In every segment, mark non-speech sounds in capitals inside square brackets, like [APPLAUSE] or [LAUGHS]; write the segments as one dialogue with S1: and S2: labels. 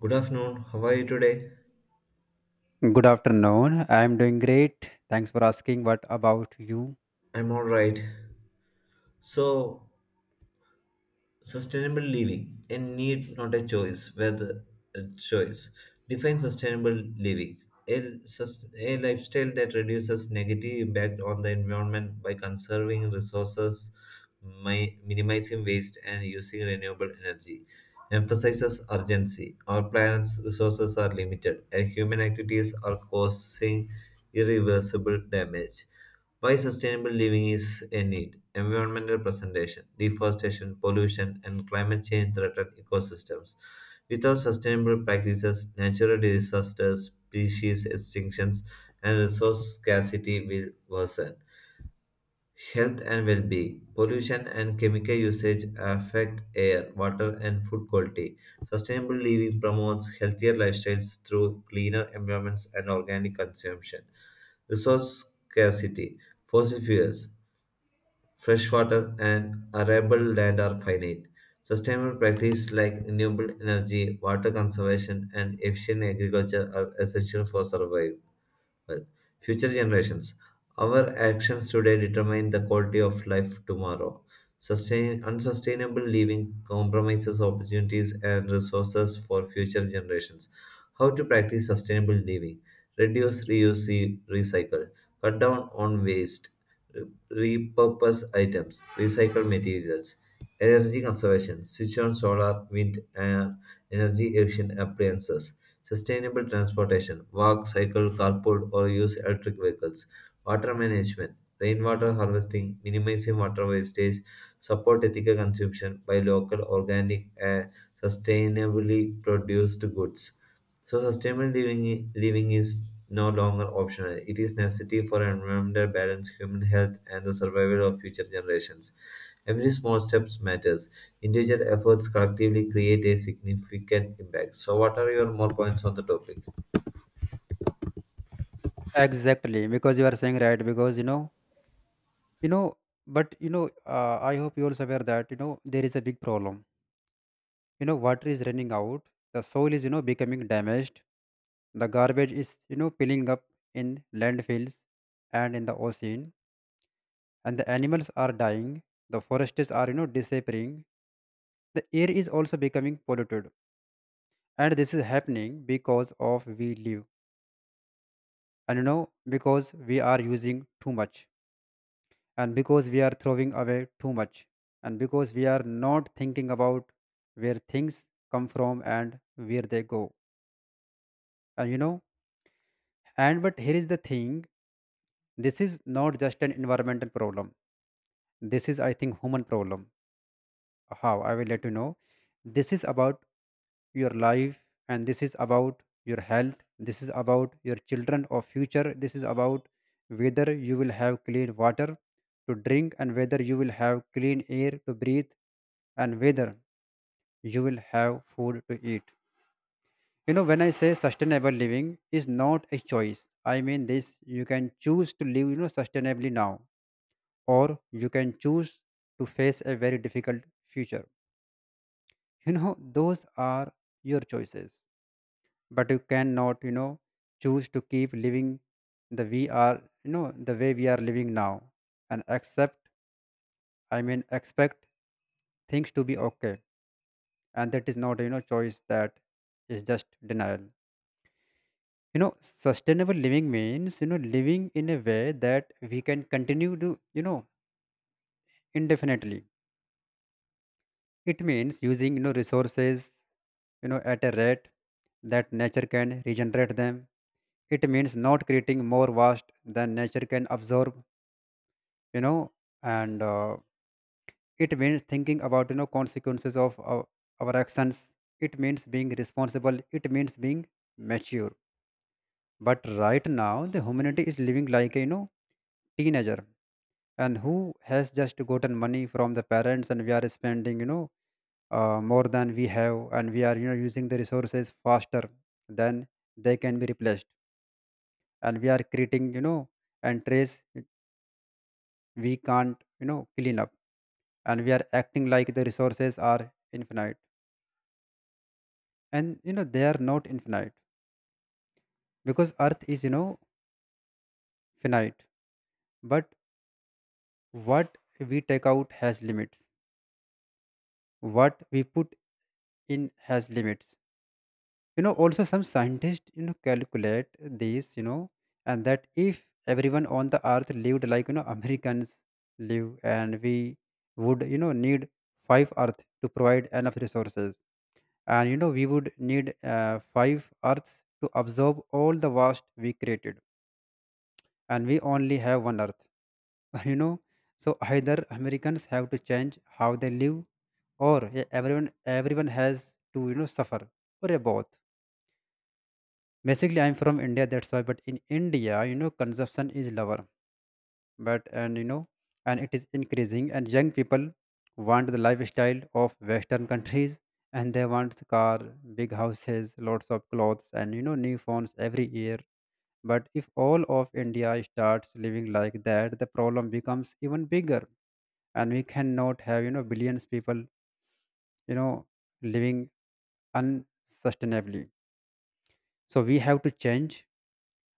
S1: Good afternoon. How are you today?
S2: Good afternoon. I am doing great. Thanks for asking. What about you?
S1: I'm all right. So, sustainable living, a need, not a choice, whether a choice. Define sustainable living. A lifestyle that reduces negative impact on the environment by conserving resources, minimizing waste, and using renewable energy. Emphasizes urgency. Our planet's resources are limited, and human activities are causing irreversible damage. Why sustainable living is a need. Environmental presentation, deforestation, pollution, and climate change threaten ecosystems. Without sustainable practices, natural disasters, species extinctions, and resource scarcity will worsen. Health and well being. Pollution and chemical usage affect air, water, and food quality. Sustainable living promotes healthier lifestyles through cleaner environments and organic consumption. Resource scarcity. Fossil fuels, fresh water, and arable land are finite. Sustainable practices like renewable energy, water conservation, and efficient agriculture are essential for survival, well, future generations. Our actions today determine the quality of life tomorrow. Unsustainable living compromises opportunities and resources for future generations. How to practice sustainable living? Reduce, reuse, recycle. Cut down on waste. Re- Repurpose items. Recycle materials. Energy conservation. Switch on solar, wind, and energy efficient appliances. Sustainable transportation: walk, cycle, carpool, or use electric vehicles. Water management: rainwater harvesting, minimizing water wastage, support ethical consumption by local, organic, and sustainably produced goods. So, sustainable living is no longer optional. It is necessity for environmental balance, human health, and the survival of future generations. Every small step matters. Individual efforts collectively create a significant impact. So, what are your more points on the topic?
S2: Exactly, because you are saying right. Because you know, but you know, I hope you also aware that there is a big problem. You know, water is running out. The soil is becoming damaged. The garbage is piling up in landfills and in the ocean, and the animals are dying. The forests are disappearing. The air is also becoming polluted, and this is happening because of we live. And because we are using too much, and because we are throwing away too much, and because we are not thinking about where things come from and where they go, and you know and but here is the thing. This is not just an environmental problem, this is I think human problem. How I will let you know, this is about your life, and this is about your health, this is about your children or future, this is about whether you will have clean water to drink, and whether you will have clean air to breathe, and whether you will have food to eat. When I say sustainable living is not a choice, I mean this. You can choose to live sustainably now, or you can choose to face a very difficult future. Those are your choices, but you cannot choose to keep living the we are the way we are living now, and accept, I mean expect, things to be okay. And that is not choice, that is just denial. Sustainable living means living in a way that we can continue to indefinitely. It means using resources at a rate that nature can regenerate them. It means not creating more vast than nature can absorb, you know, and it means thinking about, consequences of our actions. It means being responsible. It means being mature. But right now, the humanity is living like a, teenager, and who has just gotten money from the parents, and we are spending, more than we have, and we are, using the resources faster than they can be replaced. And we are creating and trace we can't clean up, and we are acting like the resources are infinite. And they are not infinite, because earth is finite. But what we take out has limits, what we put in has limits. Also some scientists calculate this, and that if everyone on the earth lived like Americans live, and we would need five earth to provide enough resources. And we would need five earths to absorb all the vast we created, and we only have one earth. [LAUGHS] you know so either Americans have to change how they live, or everyone has to suffer, or a both. Basically I'm from India, that's why. But in India, consumption is lower, but and you know and it is increasing, and young people want the lifestyle of western countries [LAUGHS] and they want car, big houses, lots of clothes, and new phones every year. But if all of India starts living like that, the problem becomes even bigger. And we cannot have billions people you know living unsustainably. So we have to change,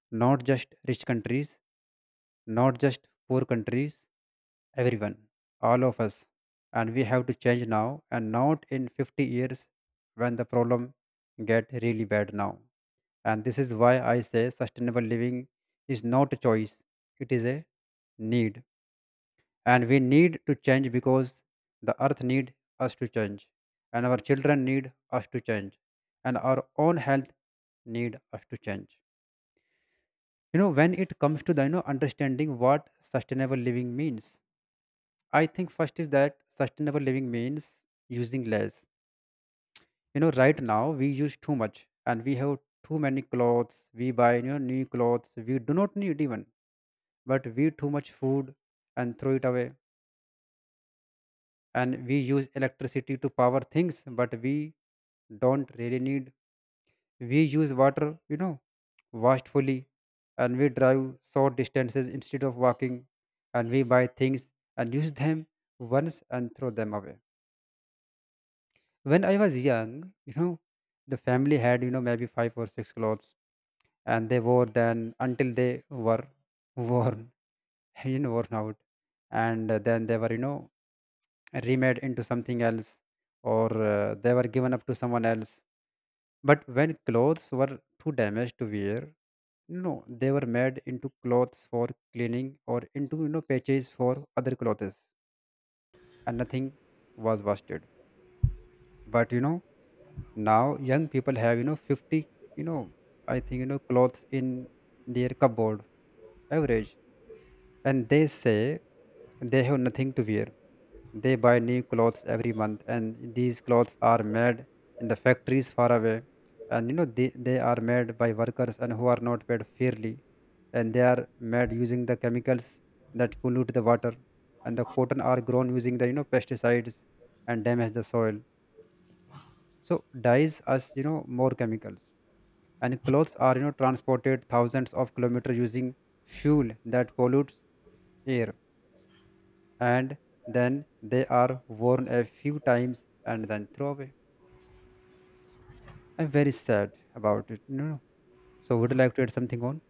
S2: not just rich countries, not just poor countries, everyone, all of us. And we have to change now and not in 50 years, when the problem get really bad now. And this is why I say sustainable living is not a choice, it is a need. And we need to change because the earth need us to change, and our children need us to change, and our own health need us to change. When it comes to the understanding what sustainable living means, I think first is that sustainable living means using less. You know, right now we use too much, and we have too many clothes. We buy new clothes we do not need even, but we too much food and throw it away. And we use electricity to power things, but we don't really need. We use water, wastefully, and we drive short distances instead of walking. And we buy things and use them once and throw them away. When I was young, the family had, maybe five or six clothes, and they wore them until they were worn, [LAUGHS] you know, worn out. And then they were, remade into something else, or they were given up to someone else. But when clothes were too damaged to wear, no, they were made into clothes for cleaning, or into, patches for other clothes, and nothing was wasted. But now young people have 50 you know I think clothes in their cupboard, average, and they say they have nothing to wear. They buy new clothes every month, and these clothes are made in the factories far away. And they are made by workers and who are not paid fairly, and they are made using the chemicals that pollute the water. And the cotton are grown using the pesticides and damage the soil. So dyes us more chemicals, and clothes are transported thousands of kilometers using fuel that pollutes air. And then they are worn a few times, and then throw away. I'm very sad about it, you know. So would you like to add something on?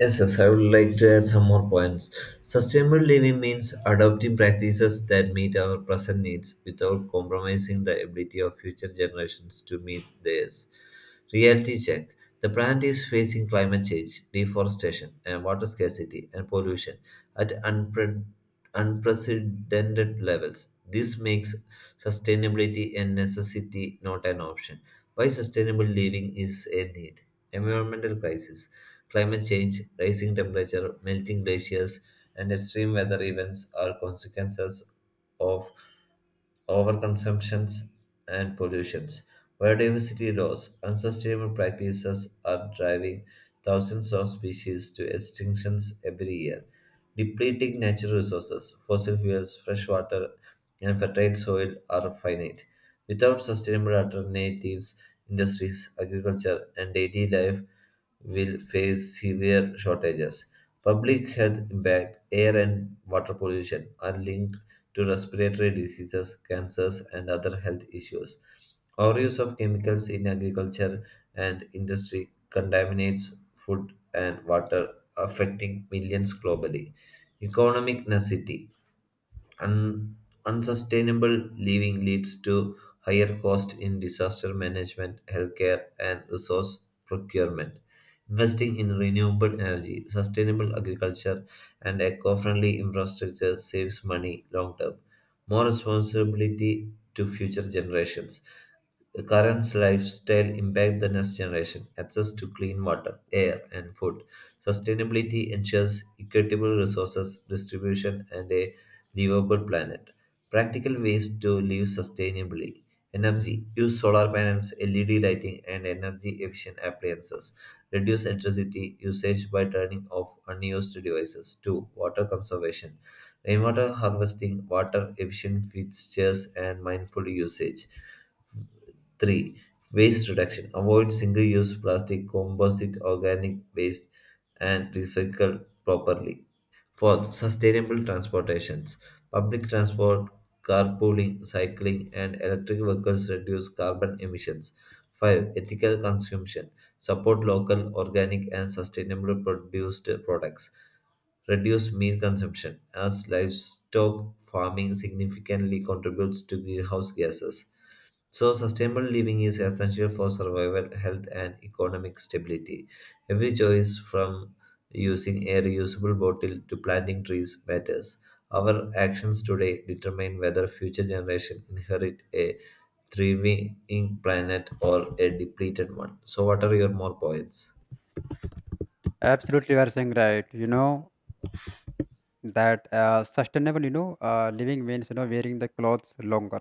S1: Yes, yes, I would like to add some more points. Sustainable living means adopting practices that meet our present needs without compromising the ability of future generations to meet theirs. Reality check. The planet is facing climate change, deforestation, and water scarcity and pollution at unprecedented levels. This makes sustainability a necessity, not an option. Why sustainable living is a need? Environmental crisis. Climate change, rising temperature, melting glaciers, and extreme weather events are consequences of overconsumptions, and pollutions. Biodiversity loss, unsustainable practices are driving thousands of species to extinctions every year, depleting natural resources, fossil fuels, fresh water, and fertile soil are finite. Without sustainable alternatives, industries, agriculture, and daily life will face severe shortages. Public health impact, air and water pollution are linked to respiratory diseases, cancers, and other health issues. Our use of chemicals in agriculture and industry contaminates food and water, affecting millions globally. Economic necessity. Un- Unsustainable living leads to higher cost in disaster management, healthcare, and resource procurement. Investing in renewable energy, sustainable agriculture, and eco-friendly infrastructure saves money long term. More responsibility to future generations. The current lifestyle impacts the next generation. Access to clean water, air, and food. Sustainability ensures equitable resources distribution and a livable planet. Practical ways to live sustainably. Energy. Use solar panels, LED lighting, and energy efficient appliances. Reduce electricity usage by turning off unused devices. 2. Water conservation. Rainwater harvesting, water efficient fixtures, and mindful usage. 3. Waste reduction. Avoid single use plastic, composite organic waste, and recycle properly. Fourth. Sustainable transportations. Public transport, carpooling, cycling, and electric vehicles reduce carbon emissions. 5. Ethical consumption. Support local, organic, and sustainable produced products. Reduce meat consumption, as livestock farming significantly contributes to greenhouse gases. So, sustainable living is essential for survival, health, and economic stability. Every choice, from using a reusable bottle to planting trees, matters. Our actions today determine whether future generations inherit a thriving planet or a depleted one. So, what are your more points?
S2: Absolutely, you are saying right. you know that Sustainable living means wearing the clothes longer,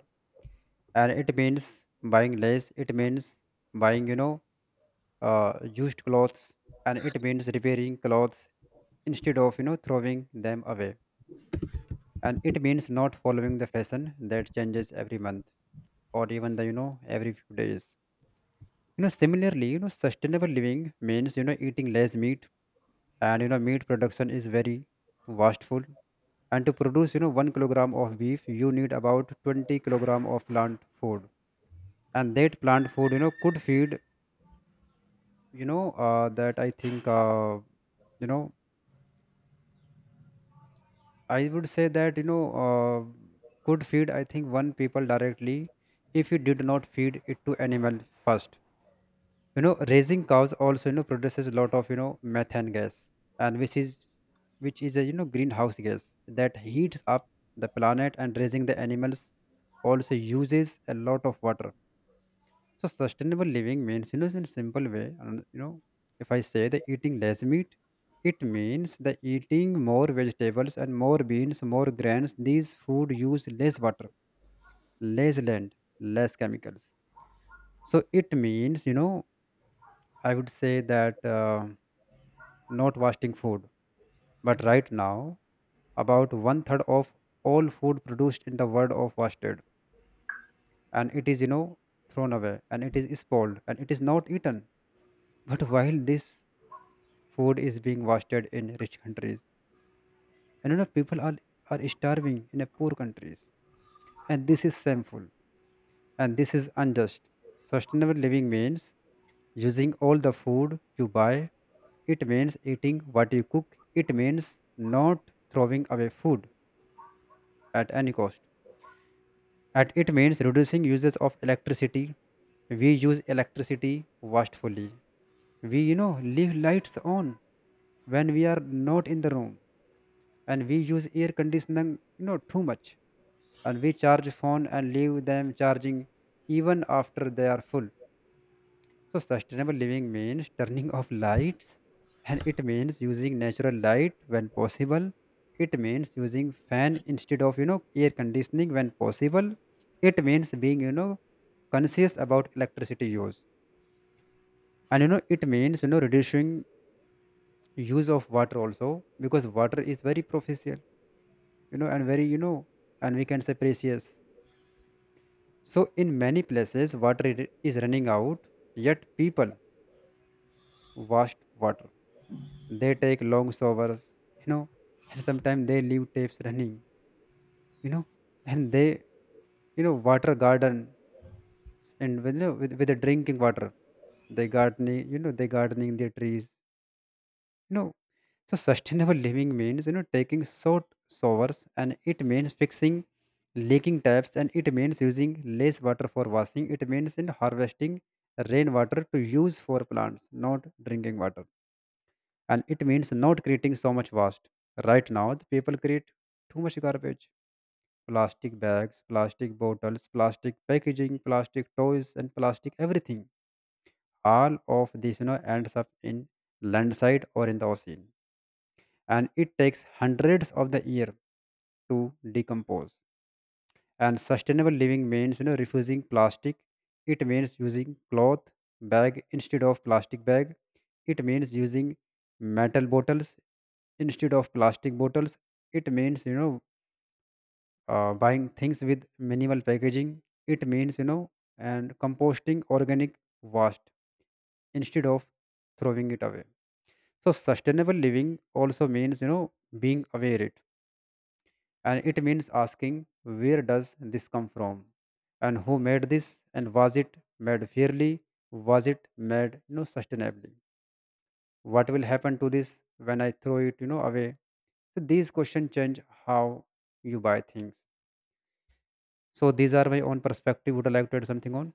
S2: and it means buying less. It means buying uh, used clothes, and it means repairing clothes instead of throwing them away. And it means not following the fashion that changes every month, or even the every few days. Similarly, sustainable living means eating less meat. And meat production is very wasteful, and to produce one kilogram of beef you need about 20 kilogram of plant food. And that plant food you know could feed you know that I think you know I would say that could feed I think one people directly, if you did not feed it to animal first. You know, raising cows also produces a lot of methane gas, and which is a greenhouse gas that heats up the planet. And raising the animals also uses a lot of water. So sustainable living means, in a simple way, if I say the eating less meat, it means the eating more vegetables and more beans, more grains. These food use less water, less land, less chemicals. So it means, you know, I would say that not wasting food. But right now about one third of all food produced in the world of wasted, and it is, thrown away, and it is spoiled, and it is not eaten. [LAUGHS] But while this food is being wasted in rich countries, and you know, are starving in a poor countries. And this is shameful, and this is unjust. Sustainable living means using all the food you buy. It means eating what you cook. It means not throwing away food at any cost. And it means reducing uses of electricity. We use electricity wastefully. We leave lights on when we are not in the room. And we use air conditioning too much, and we charge phone and leave them charging even after they are full. So sustainable living means turning [LAUGHS] off lights, and it means using natural light when possible. It means using fan instead of air conditioning when possible. It means being conscious about electricity use. And it means reducing use of water also, because water is very professional, you know and very you know and we can say precious. So, in many places, is running out, yet people waste water. They take long showers, you know, and sometimes they leave taps running, you know, and they water garden and with, you know, with the drinking water, they gardening, they gardening their trees, you know. So sustainable living means taking short showers, and it means fixing leaking taps, and it means using less water for washing. It means in harvesting rainwater to use for plants, not drinking water. And it means not creating so much waste. Right now the people create too much garbage. Plastic bags, plastic bottles, plastic packaging, plastic toys and plastic everything. All of this ends up in landside or in the ocean, and it takes hundreds of the year to decompose. And sustainable living means refusing plastic. It means using cloth bag instead of plastic bag. It means using metal bottles instead of plastic bottles. It means buying things with minimal packaging. It means and composting organic waste instead of throwing it away. So sustainable living also means being aware it, and it means asking, where does this come from, and who made this, and was it made fairly, was it made sustainably, what will happen to this when I throw it away? So these questions change how you buy things. So these are my own perspective. Would I like to add something on?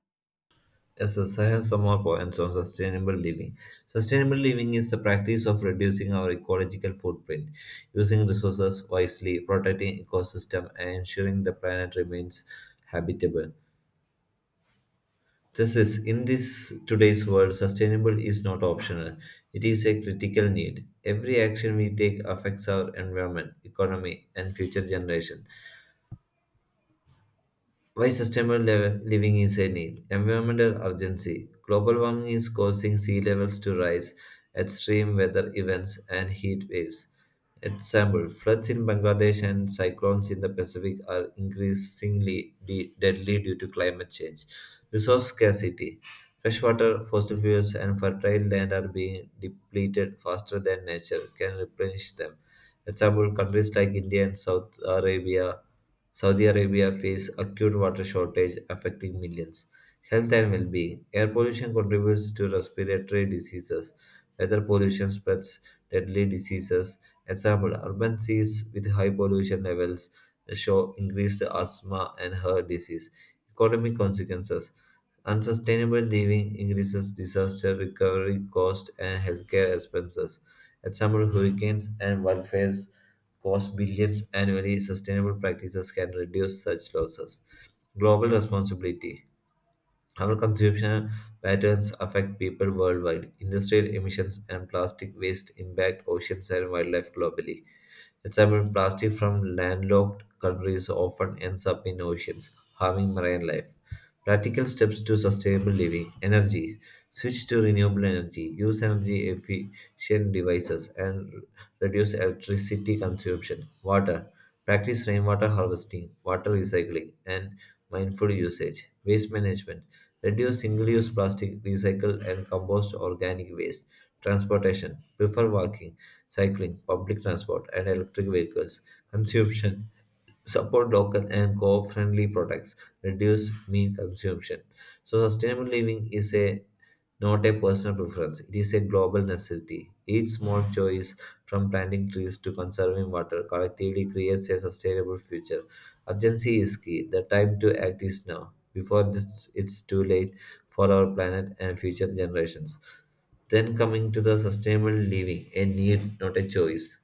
S1: Yes, yes, I have some more points on sustainable living. Sustainable living is the practice of reducing our ecological footprint, using resources wisely, protecting ecosystem, and ensuring the planet remains habitable. This is in this today's world, sustainable is not optional. It is a critical need. Every action we take affects our environment, economy, and future generation. Why sustainable level living is a need? Environmental urgency. Global warming is causing sea levels to rise, extreme weather events, and heat waves. Example: floods in Bangladesh and cyclones in the Pacific are increasingly deadly due to climate change. Resource scarcity. Freshwater, fossil fuels, and fertile land are being depleted faster than nature can replenish them. Example, countries like India and Saudi Arabia face acute water shortage affecting millions. Health and well-being. Air pollution contributes to respiratory diseases. Weather pollution spreads deadly diseases. Example, urban cities with high pollution levels the show increased asthma and heart disease. Economic consequences. Unsustainable living increases disaster recovery costs and healthcare expenses. Example, hurricanes and wildfires cost billions annually. Sustainable practices can reduce such losses. Global responsibility. Our consumption patterns affect people worldwide. Industrial emissions and plastic waste impact oceans and wildlife globally. Example, plastic from landlocked countries often ends up in oceans, harming marine life. Practical steps to sustainable living. Energy. Switch to renewable energy. Use energy efficient devices and reduce electricity consumption. Water. Practice rainwater harvesting, water recycling, and mindful usage. Waste management. Reduce single use plastic, recycle and compost organic waste. Transportation. Prefer walking, cycling, public transport, and electric vehicles. Consumption. Support local and co friendly products. Reduce meat consumption. So, sustainable living is a not a personal preference. It is a global necessity. Each small choice, from planting trees to conserving water, collectively creates a sustainable future. Urgency is key. The time to act is now, before this, it's too late for our planet and future generations. Then coming to the sustainable living, a need, not a choice.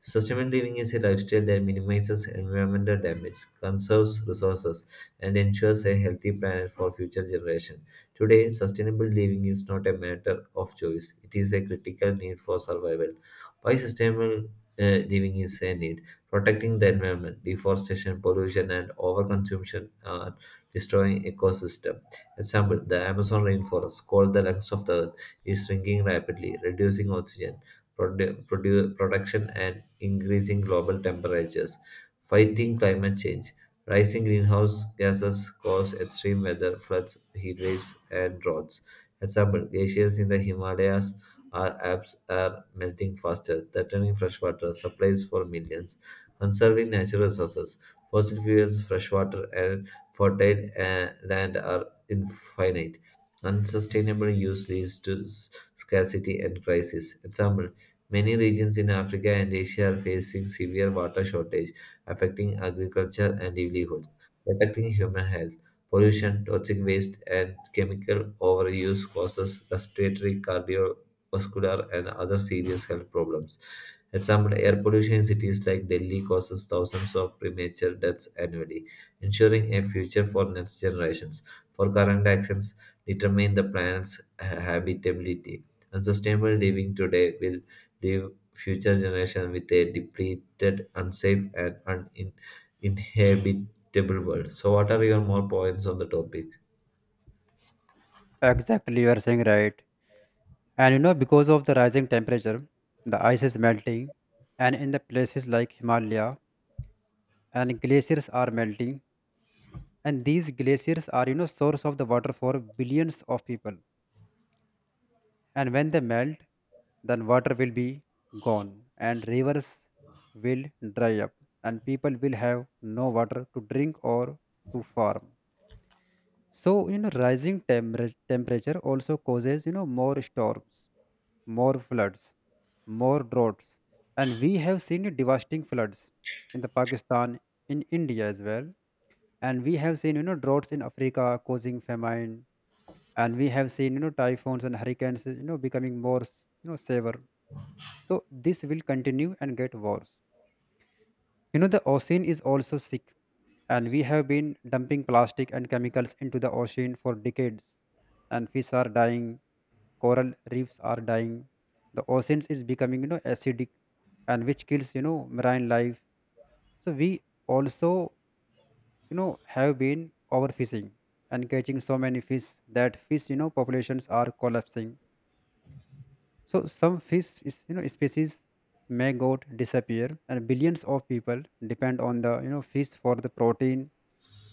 S1: Sustainable living is a lifestyle that minimizes environmental damage, conserves resources, and ensures a healthy planet for future generations. Today, sustainable living is not a matter of choice, it is a critical need for survival. Why sustainable living is a need? Protecting the environment, deforestation, pollution, and overconsumption are destroying ecosystem. Example, the Amazon rainforest, called the lungs of the earth, is shrinking rapidly, reducing oxygen production and increasing global temperatures. Fighting climate change, rising greenhouse gases cause extreme weather, floods, heat waves, and droughts. Example, glaciers in the Himalayas are melting faster, threatening freshwater supplies for millions. Conserving natural resources, fossil fuels, freshwater, and fertile land are infinite. Unsustainable use leads to scarcity and crisis. Example, many regions in Africa and Asia are facing severe water shortage, affecting agriculture and livelihoods, protecting human health. Pollution, toxic waste, and chemical overuse causes respiratory, cardiovascular, and other serious health problems. Example, air pollution in cities like Delhi causes thousands of premature deaths annually, ensuring a future for next generations. For current actions, determine the planet's habitability. Unsustainable living today will leave future generations with a depleted, unsafe, and uninhabitable world. So, what are your more points on the topic?
S2: Exactly, you are saying right. And you know, because of the rising temperature, the ice is melting, and in the places like Himalaya, and glaciers are melting, and these glaciers are source of the water for billions of people. And when they melt, then water will be gone, and rivers will dry up, and people will have no water to drink or to farm. So you know, rising temperature also causes more storms, more floods, more droughts. And we have seen devastating floods in the Pakistan, in India as well. And we have seen droughts in Africa causing famine. And we have seen typhoons and hurricanes becoming more severe. So this will continue and get worse. You know, the ocean is also sick, and we have been dumping plastic and chemicals into the ocean for decades, and fish are dying, coral reefs are dying, the oceans is becoming acidic, and which kills marine life. So we also have been overfishing and catching so many fish that fish populations are collapsing. So some fish, species may go disappear, and billions of people depend on the fish for the protein.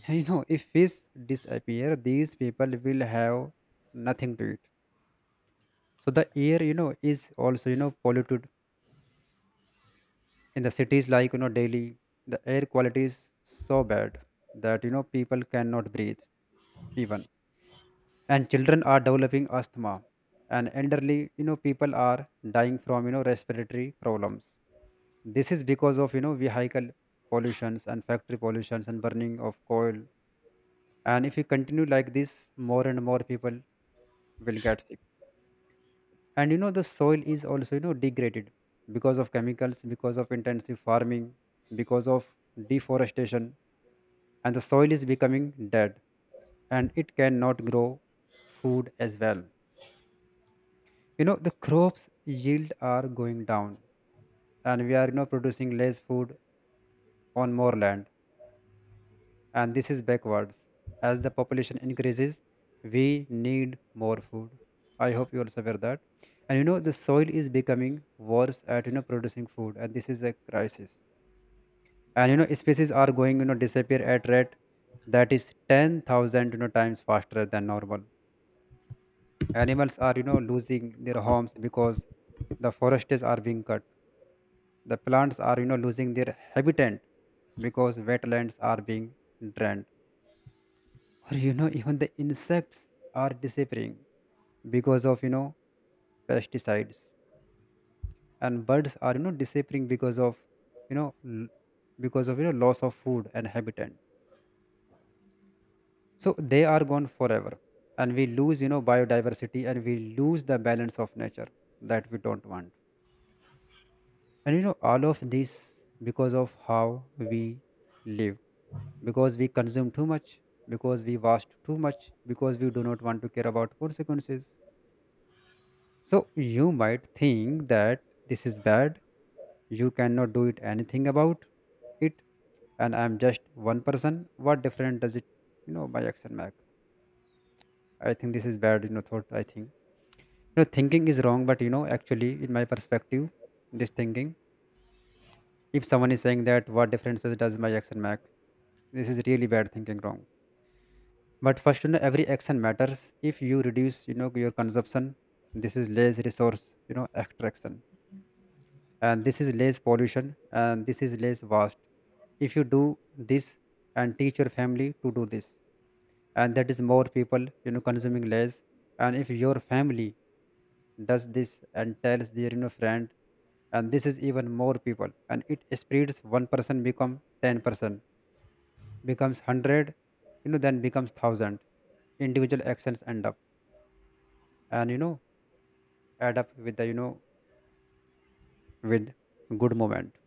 S2: [LAUGHS] And, you know, if fish disappear, these people will have nothing to eat. So the air, you know, is also polluted in the cities like Delhi. The air quality is so bad that people cannot breathe even, and children are developing asthma, and elderly people are dying from respiratory problems. This is because of vehicle pollutions and factory pollutions and burning of coal. And if we continue like this, more and more people will get sick. And you know, the soil is also degraded because of chemicals, because of intensive farming, because of deforestation, and the soil is becoming dead and it cannot grow food as well. You know, the crops yield are going down and we are producing less food on more land. And this is backwards. As the population increases, we need more food. I hope you also aware that. And you know, the soil is becoming worse at producing food, and this is a crisis. And you know, species are going disappear at rate that is 10,000 times faster than normal. Animals are losing their homes because the forests are being cut. The plants are losing their habitat because wetlands are being drained, or you know, even the insects are disappearing because of pesticides. And birds are disappearing because of you know l- because of loss of food and habitat. So they are gone forever, and we lose biodiversity, and we lose the balance of nature that we don't want. And you know, all of this because of how we live, because we consume too much, because we waste too much, because we do not want to care about consequences. So you might think that this is bad, you cannot do it anything about it, and I'm just one person. What different does it, you know, my action make? I think this is bad, you know, thought I think. You know, thinking is wrong, but you know, actually in my perspective, this thinking, if someone is saying that what difference does my action make? This is really bad thinking wrong. But first, you know, every action matters. If you reduce, you know, your consumption, this is less resource, you know, extraction, and this is less pollution and this is less waste if you do this and teach your family to do this, and that is more people consuming less. And if your family does this and tells their friend, and this is even more people, and it spreads. One person become 10 percent, becomes 100, then becomes 1,000. Individual actions end up and add up with the with good moment.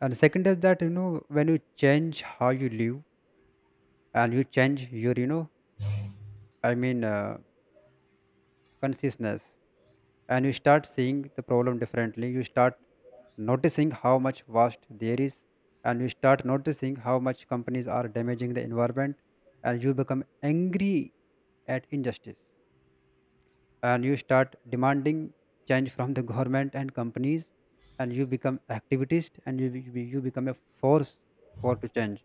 S2: And second is that you know, when you change how you live, and you change your i mean uh, consciousness, and you start seeing the problem differently, you start noticing how much waste there is, and you start noticing how much companies are damaging the environment, and you become angry at injustice, and you start demanding change from the government and companies, and you become activist, and you become a force for to change.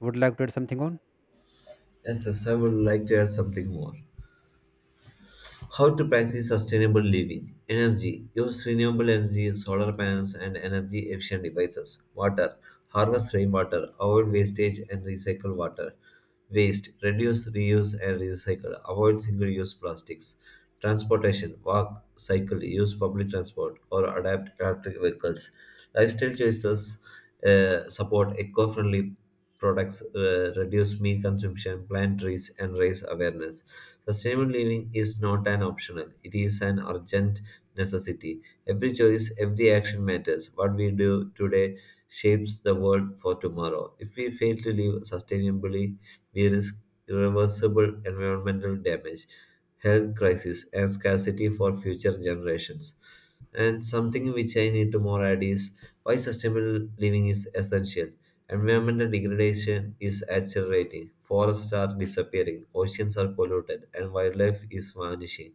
S2: Would like to add something on?
S1: Yes, yes, I would like to add something more. How to practice sustainable living? Energy. Use renewable energy, solar panels, and energy efficient devices. Water. Harvest rainwater. Avoid wastage and recycle water. Waste. Reduce, reuse, and recycle. Avoid single use plastics. Transportation. Walk, cycle, use public transport, or adapt electric vehicles. Lifestyle choices. Support eco friendly products, reduce meat consumption, plant trees, and raise awareness. Sustainable living is not an optional, it is an urgent necessity. Every choice, every action matters. What we do today shapes the world for tomorrow. If we fail to live sustainably, we risk irreversible environmental damage, health crisis, and scarcity for future generations. And something which I need to more add is why sustainable living is essential. Environmental degradation is accelerating, forests are disappearing, oceans are polluted, and wildlife is vanishing.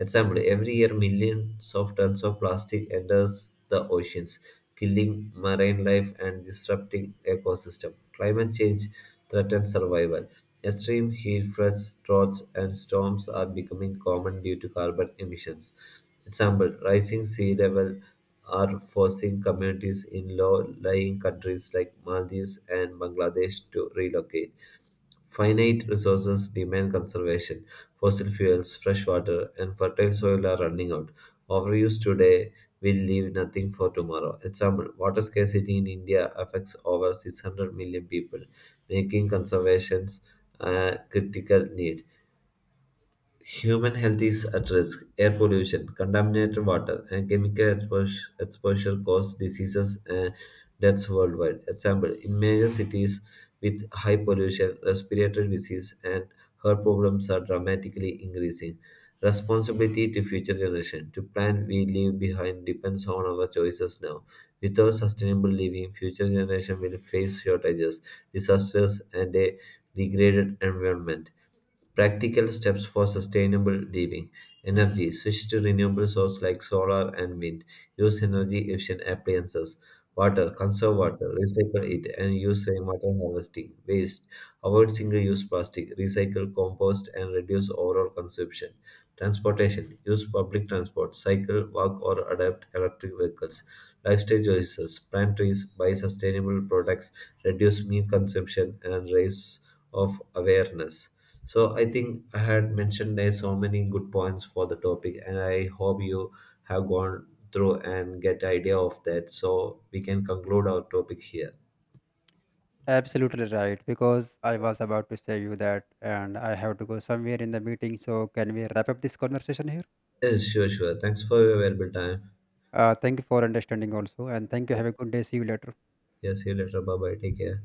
S1: Example: every year, millions of tons of plastic enters the oceans, killing marine life and disrupting ecosystem. Climate change threatens survival. Extreme heat, floods, droughts, and storms are becoming common due to carbon emissions. Example: rising sea level are forcing communities in low-lying countries like Maldives and Bangladesh to relocate. Finite resources demand conservation; fossil fuels, fresh water, and fertile soil are running out. Overuse today will leave nothing for tomorrow. Example: water scarcity in India affects over 600 million people, making conservation a critical need. Human health is at risk. Air pollution, contaminated water, and exposure cause diseases and deaths worldwide. Example, in major cities with high pollution, respiratory disease and heart problems are dramatically increasing. Responsibility to future generation. To plan we leave behind depends on our choices now. Without sustainable living, future generation will face shortages, disasters, and a degraded environment. Practical steps for sustainable living. Energy. Switch to renewable sources like solar and wind. Use energy efficient appliances. Water. Conserve water. Recycle it and use rainwater harvesting. Waste. Avoid single use plastic. Recycle, compost, and reduce overall consumption. Transportation. Use public transport, cycle, walk, or adopt electric vehicles. Lifestyle choices: plant trees, buy sustainable products, reduce meat consumption, and raise of awareness. So I think I had mentioned there so many good points for the topic, and I hope you have gone through and get idea of that. So we can conclude our topic here.
S2: Absolutely right, because I was about to say you that, and I have to go somewhere in the meeting. So, can we wrap up this conversation here?
S1: Yes, sure, sure. Thanks for your available time.
S2: Thank you for understanding also, and thank you. Have a good day. See you later.
S1: Yeah, see you later. Bye bye. Take care.